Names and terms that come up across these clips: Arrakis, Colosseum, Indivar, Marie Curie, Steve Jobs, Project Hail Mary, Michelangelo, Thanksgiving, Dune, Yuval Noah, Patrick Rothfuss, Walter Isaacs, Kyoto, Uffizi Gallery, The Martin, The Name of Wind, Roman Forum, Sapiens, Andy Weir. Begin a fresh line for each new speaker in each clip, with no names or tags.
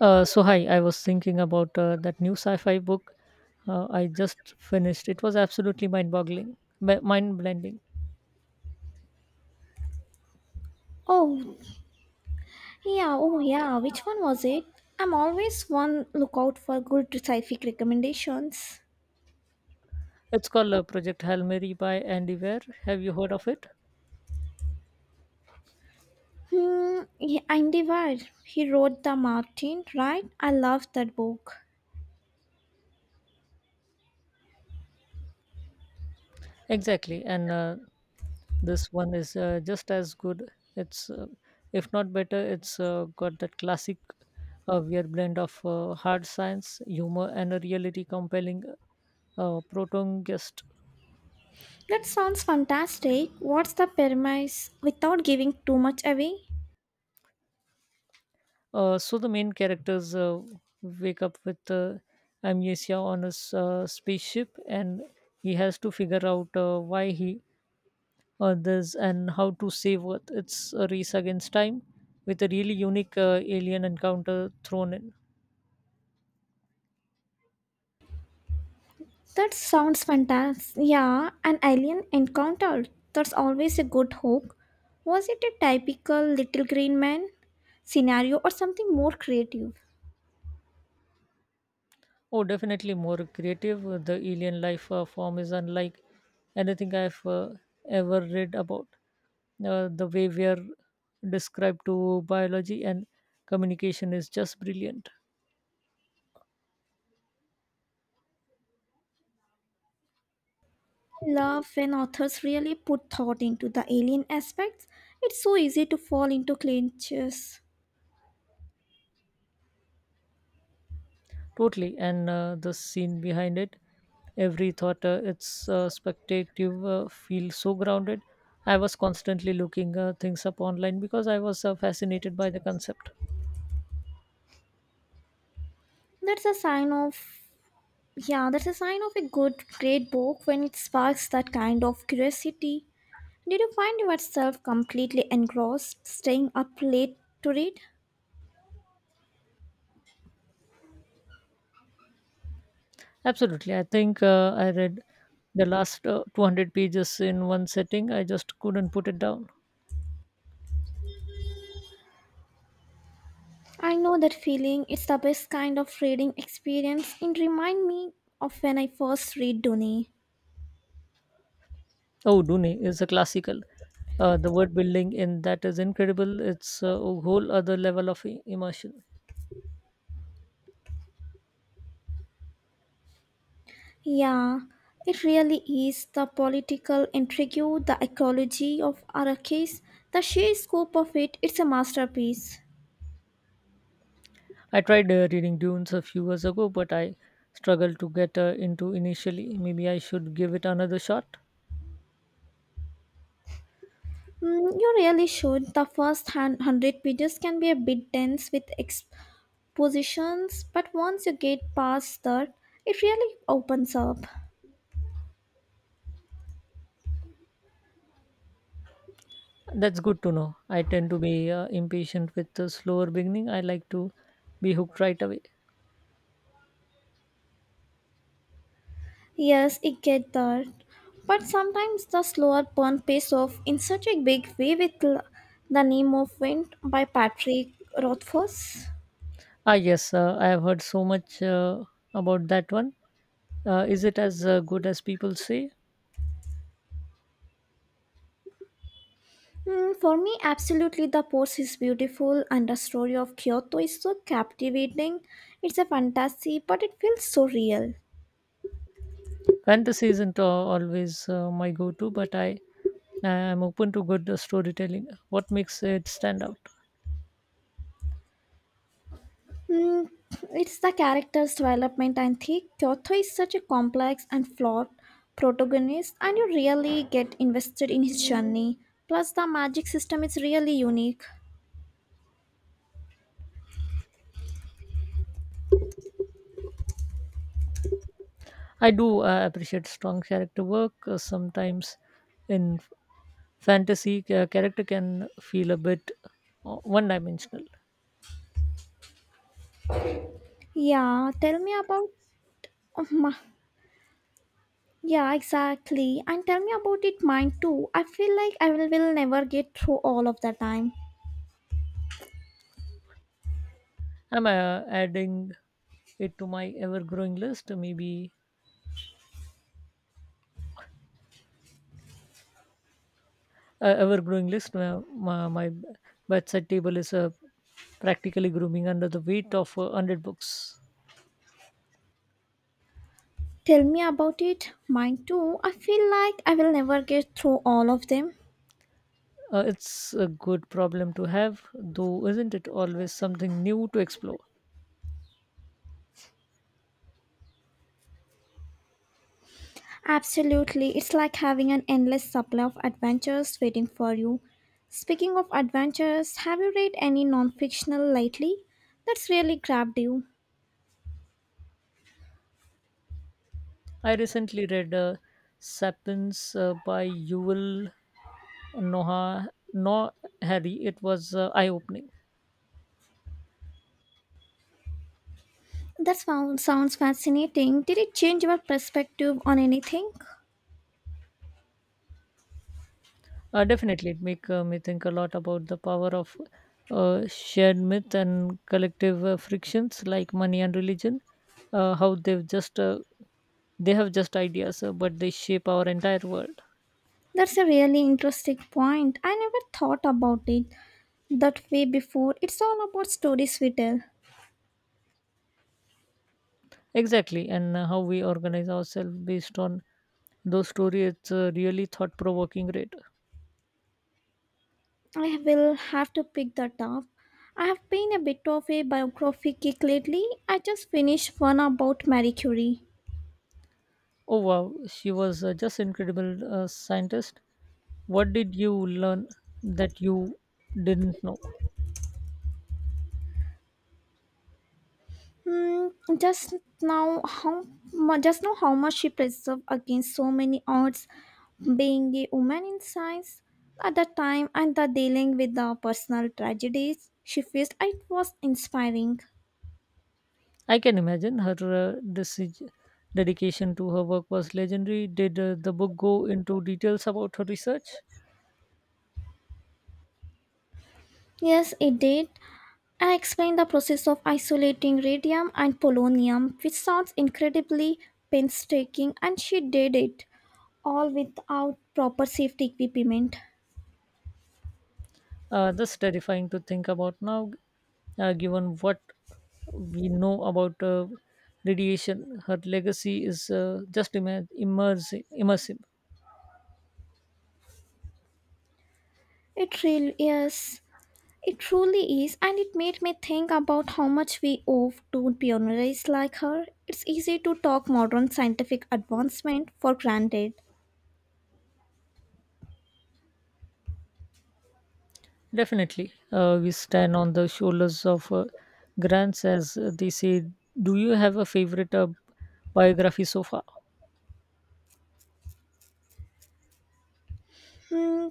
So hi, I was thinking about that new sci-fi book I just finished. It was absolutely mind-boggling, mind-blending.
Oh, yeah, oh, yeah. Which one was it? I'm always one lookout for good sci-fic recommendations.
It's called Project Hail Mary by Andy Weir. Have you heard of it?
Yeah, Indivar. He wrote The Martin, right? I love that book.
Exactly, and this one is just as good. It's if not better. It's got that classic Weir blend of hard science, humor, and a reality compelling protagonist.
That sounds fantastic. What's the premise without giving too much away?
So the main characters wake up with amnesia on a spaceship, and he has to figure out why he others and how to save Earth. It's a race against time with a really unique alien encounter thrown in.
That sounds fantastic. Yeah, an alien encounter. That's always a good hook. Was it a typical Little Green Man scenario or something more creative?
Oh, definitely more creative. The alien life form is unlike anything I've ever read about. The way we are described to biology and communication is just brilliant.
Love when authors really put thought into the alien aspects. It's so easy to fall into clinches.
Totally, and the scene behind it, every thought, its spectative feels so grounded. I was constantly looking things up online because I was fascinated by the concept.
That's a sign of yeah, that's a sign of a good great book when it sparks that kind of curiosity. Did you find yourself completely engrossed, staying up late to read?
Absolutely, I think I read the last 200 pages in one setting. I just couldn't put it down.
I know that feeling. It's the best kind of reading experience and remind me of when I first read Dune.
Oh, Dune is a classical. The word building in that is incredible. It's a whole other level of immersion.
Yeah, it really is the political intrigue, the ecology of Arrakis, the sheer scope of it, it's a masterpiece.
I tried reading Dunes a few years ago, but I struggled to get into initially. Maybe I should give it another shot.
You really should. The first 100 pages can be a bit dense with expositions, but once you get past that, it really opens up.
That's good to know. I tend to be impatient with the slower beginning. I like to be hooked right away.
Yes, it get that. But sometimes the slower burn pays off in such a big way with The Name of Wind by Patrick Rothfuss.
Ah, yes, I have heard so much about that one. Is it as good as people say?
For me, absolutely, the post is beautiful, and the story of Kyoto is so captivating. It's a fantasy, but it feels so real.
Fantasy isn't always my go to, but I am open to good storytelling. What makes it stand out?
Mm, it's the character's development, and think Kyoto is such a complex and flawed protagonist, and you really get invested in his journey. Plus, the magic system is really unique.
I do appreciate strong character work. Sometimes in fantasy character can feel a bit one dimensional.
Yeah, tell me about. oh, ma- yeah, exactly. And tell me about it, mine too. I feel like I will never get through all of the time.
I'm adding it to my ever growing list. Maybe ever growing list. My bedside table is practically grooming under the weight of 100 books.
Tell me about it. Mine too. I feel like I will never get through all of them.
It's a good problem to have, though, isn't it always something new to explore?
Absolutely. It's like having an endless supply of adventures waiting for you. Speaking of adventures, have you read any non fictional lately? That's really grabbed you.
I recently read Sapiens by Yuval Noah Harry. It was eye opening.
Sounds fascinating. Did it change your perspective on anything?
Definitely, it make me think a lot about the power of shared myth and collective frictions like money and religion. How they have just ideas, but they shape our entire world.
That's a really interesting point. I never thought about it that way before. It's all about stories we tell.
Exactly, and how we organize ourselves based on those stories. It's really thought provoking. Read.
I will have to pick that up. I have been a bit of a biography kick lately. I just finished one about Marie Curie.
Oh wow, she was just incredible scientist. What did you learn that you didn't know?
Hmm, just now how just know how much she preserved against so many odds, being a woman in science at the time and the dealing with the personal tragedies she faced. It was inspiring.
I can imagine her dedication to her work was legendary. Did the book go into details about her research?
Yes, it did. I explained the process of isolating radium and polonium, which sounds incredibly painstaking, and she did it all without proper safety equipment.
That's terrifying to think about now, given what we know about radiation. Her legacy is just immersive.
It really is. It truly is, and it made me think about how much we owe to pioneers like her. It's easy to talk modern scientific advancement for granted.
Definitely. We stand on the shoulders of grants, as they say. Do you have a favorite biography so far?
Hmm,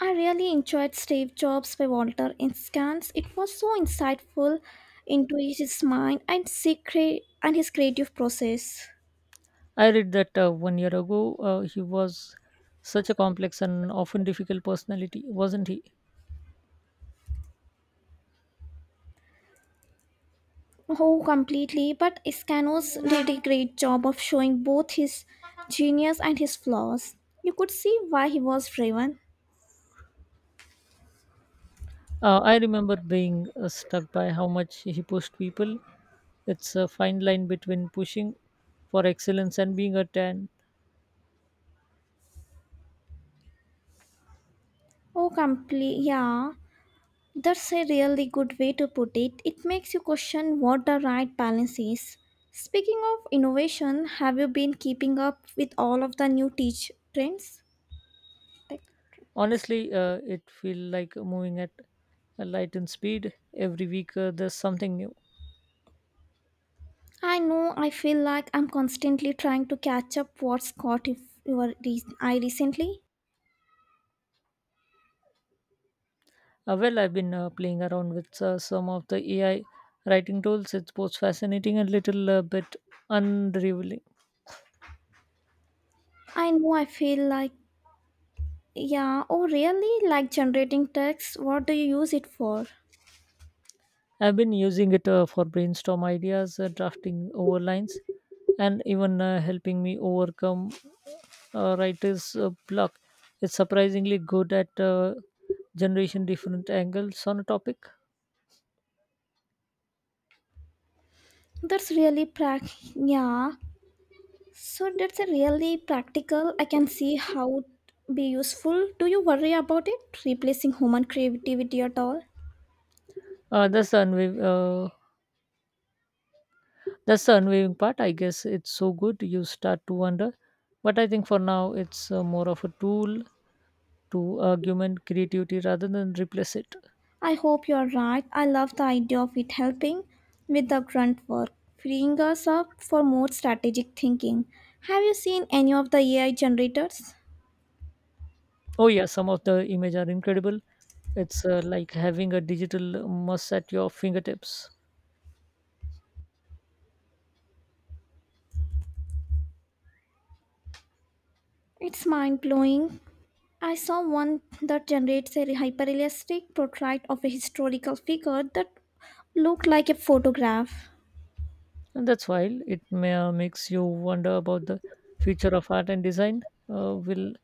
I really enjoyed Steve Jobs by Walter Isaacs. It was so insightful into his mind and secret and his creative process.
I read that one year ago. He was such a complex and often difficult personality, wasn't he?
Oh, completely. But Iscanos did a great job of showing both his genius and his flaws. You could see why he was driven.
I remember being struck by how much he pushed people. It's a fine line between pushing for excellence and being a 10.
Oh, complete. Yeah. That's a really good way to put it. It makes you question what the right balance is. Speaking of innovation, have you been keeping up with all of the new teach trends? Tech- Trends?
Honestly, it feels like moving at a lightning speed. Every week, there's something new.
I know I feel like I'm constantly trying to catch up what's caught if I recently.
Well, I've been playing around with some of the AI writing tools. It's both fascinating and little bit unrevealing.
I know I feel like yeah, oh Really like generating text. What do you use it for?
I've been using it for brainstorm ideas, drafting over lines, and even helping me overcome writer's block. It's surprisingly good at generation different angles on a topic.
That's really prac Yeah. So that's a really practical. I can see how it be useful. Do you worry about it replacing human creativity at all?
Uh, that's the unwav- uh, that's the unwavering part. I guess it's so good you start to wonder, but I think for now it's more of a tool to augment creativity rather than replace it.
I hope you are right. I love the idea of it helping with the grunt work, freeing us up for more strategic thinking. Have you seen any of the AI generators?
Oh yeah, some of the images are incredible. It's like having a digital must at your fingertips.
It's mind blowing. I saw one that generates a hyperrealistic portrait of a historical figure that looked like a photograph.
And that's why makes you wonder about the future of art and design. Will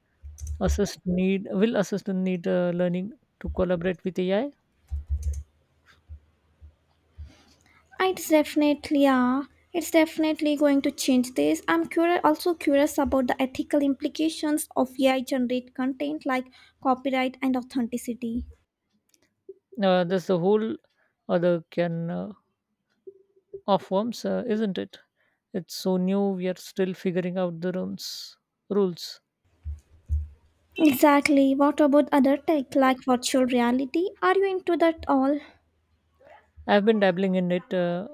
assist need will assistant need learning to collaborate with AI?
It's definitely yeah. It's definitely going to change this. I'm also curious about the ethical implications of AI generate content like copyright and authenticity.
That's the whole other can of worms, isn't it? It's so new. We are still figuring out the rooms rules.
Exactly. What about other tech like virtual reality? Are you into that all?
I've been dabbling in it. Uh,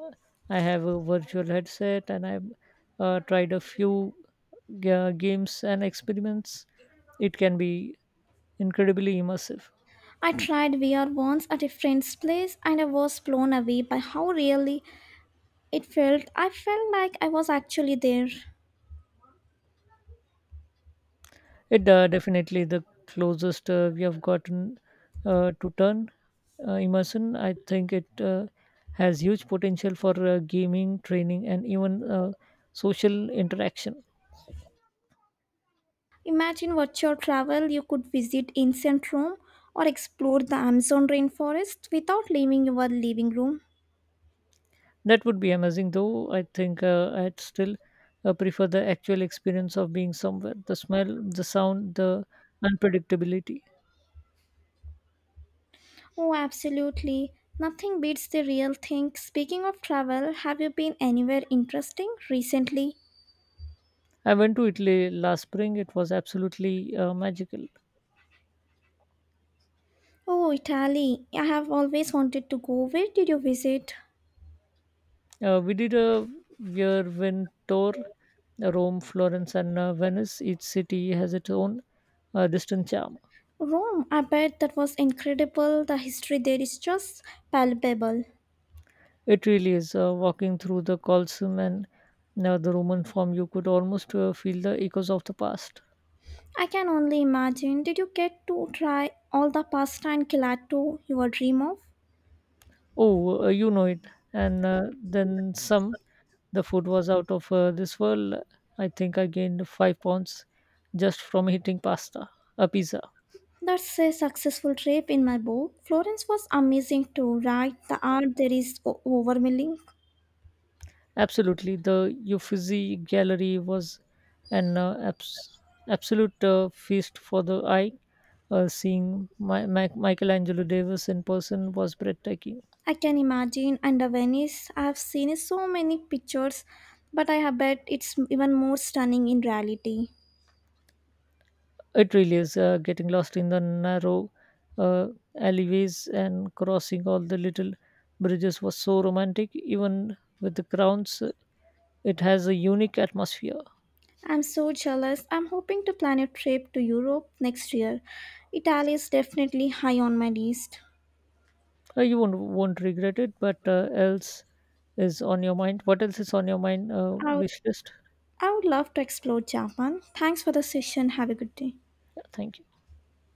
I have a virtual headset and I've tried a few games and experiments. It can be incredibly immersive.
I tried VR once at a friend's place and I was blown away by how really it felt. I felt like I was actually there.
It definitely the closest we have gotten to turn immersion. I think it has huge potential for gaming, training, and even social interaction.
Imagine what your travel you could visit ancient Rome or explore the Amazon rainforest without leaving your living room.
That would be amazing, though. I think I'd still prefer the actual experience of being somewhere the smell, the sound, the unpredictability.
Oh, absolutely. Nothing beats the real thing. Speaking of travel, have you been anywhere interesting recently?
I went to Italy last spring. It was absolutely magical.
Oh, Italy. I have always wanted to go. Where did you visit?
We did a whirlwind tour Rome, Florence, and Venice. Each city has its own distant charm.
Rome. I bet that was incredible. The history there is just palpable.
It really is. Walking through the Colosseum and the Roman Forum, you could almost feel the echoes of the past.
I can only imagine. Did you get to try all the pasta and gelato you would dream of?
Oh, you know it. And then some, the food was out of this world. I think I gained 5 pounds just from eating pasta, a pizza.
That's a successful trip in my book. Florence was amazing to write. The art there is overwhelming.
Absolutely. The Uffizi Gallery was an absolute feast for the eye. Seeing Michelangelo Davis in person was breathtaking.
I can imagine. And the Venice, I have seen so many pictures, but I have bet it's even more stunning in reality.
It really is getting lost in the narrow uh, alleyways and crossing all the little bridges was so romantic. Even with the crowns, it has a unique atmosphere.
I'm so jealous. I'm hoping to plan a trip to Europe next year. Italy is definitely high on my list.
You won't regret it. But else is on your mind? What else is on your mind?
I would,
Wish list.
I would love to explore Japan. Thanks for the session. Have a good day.
Thank you.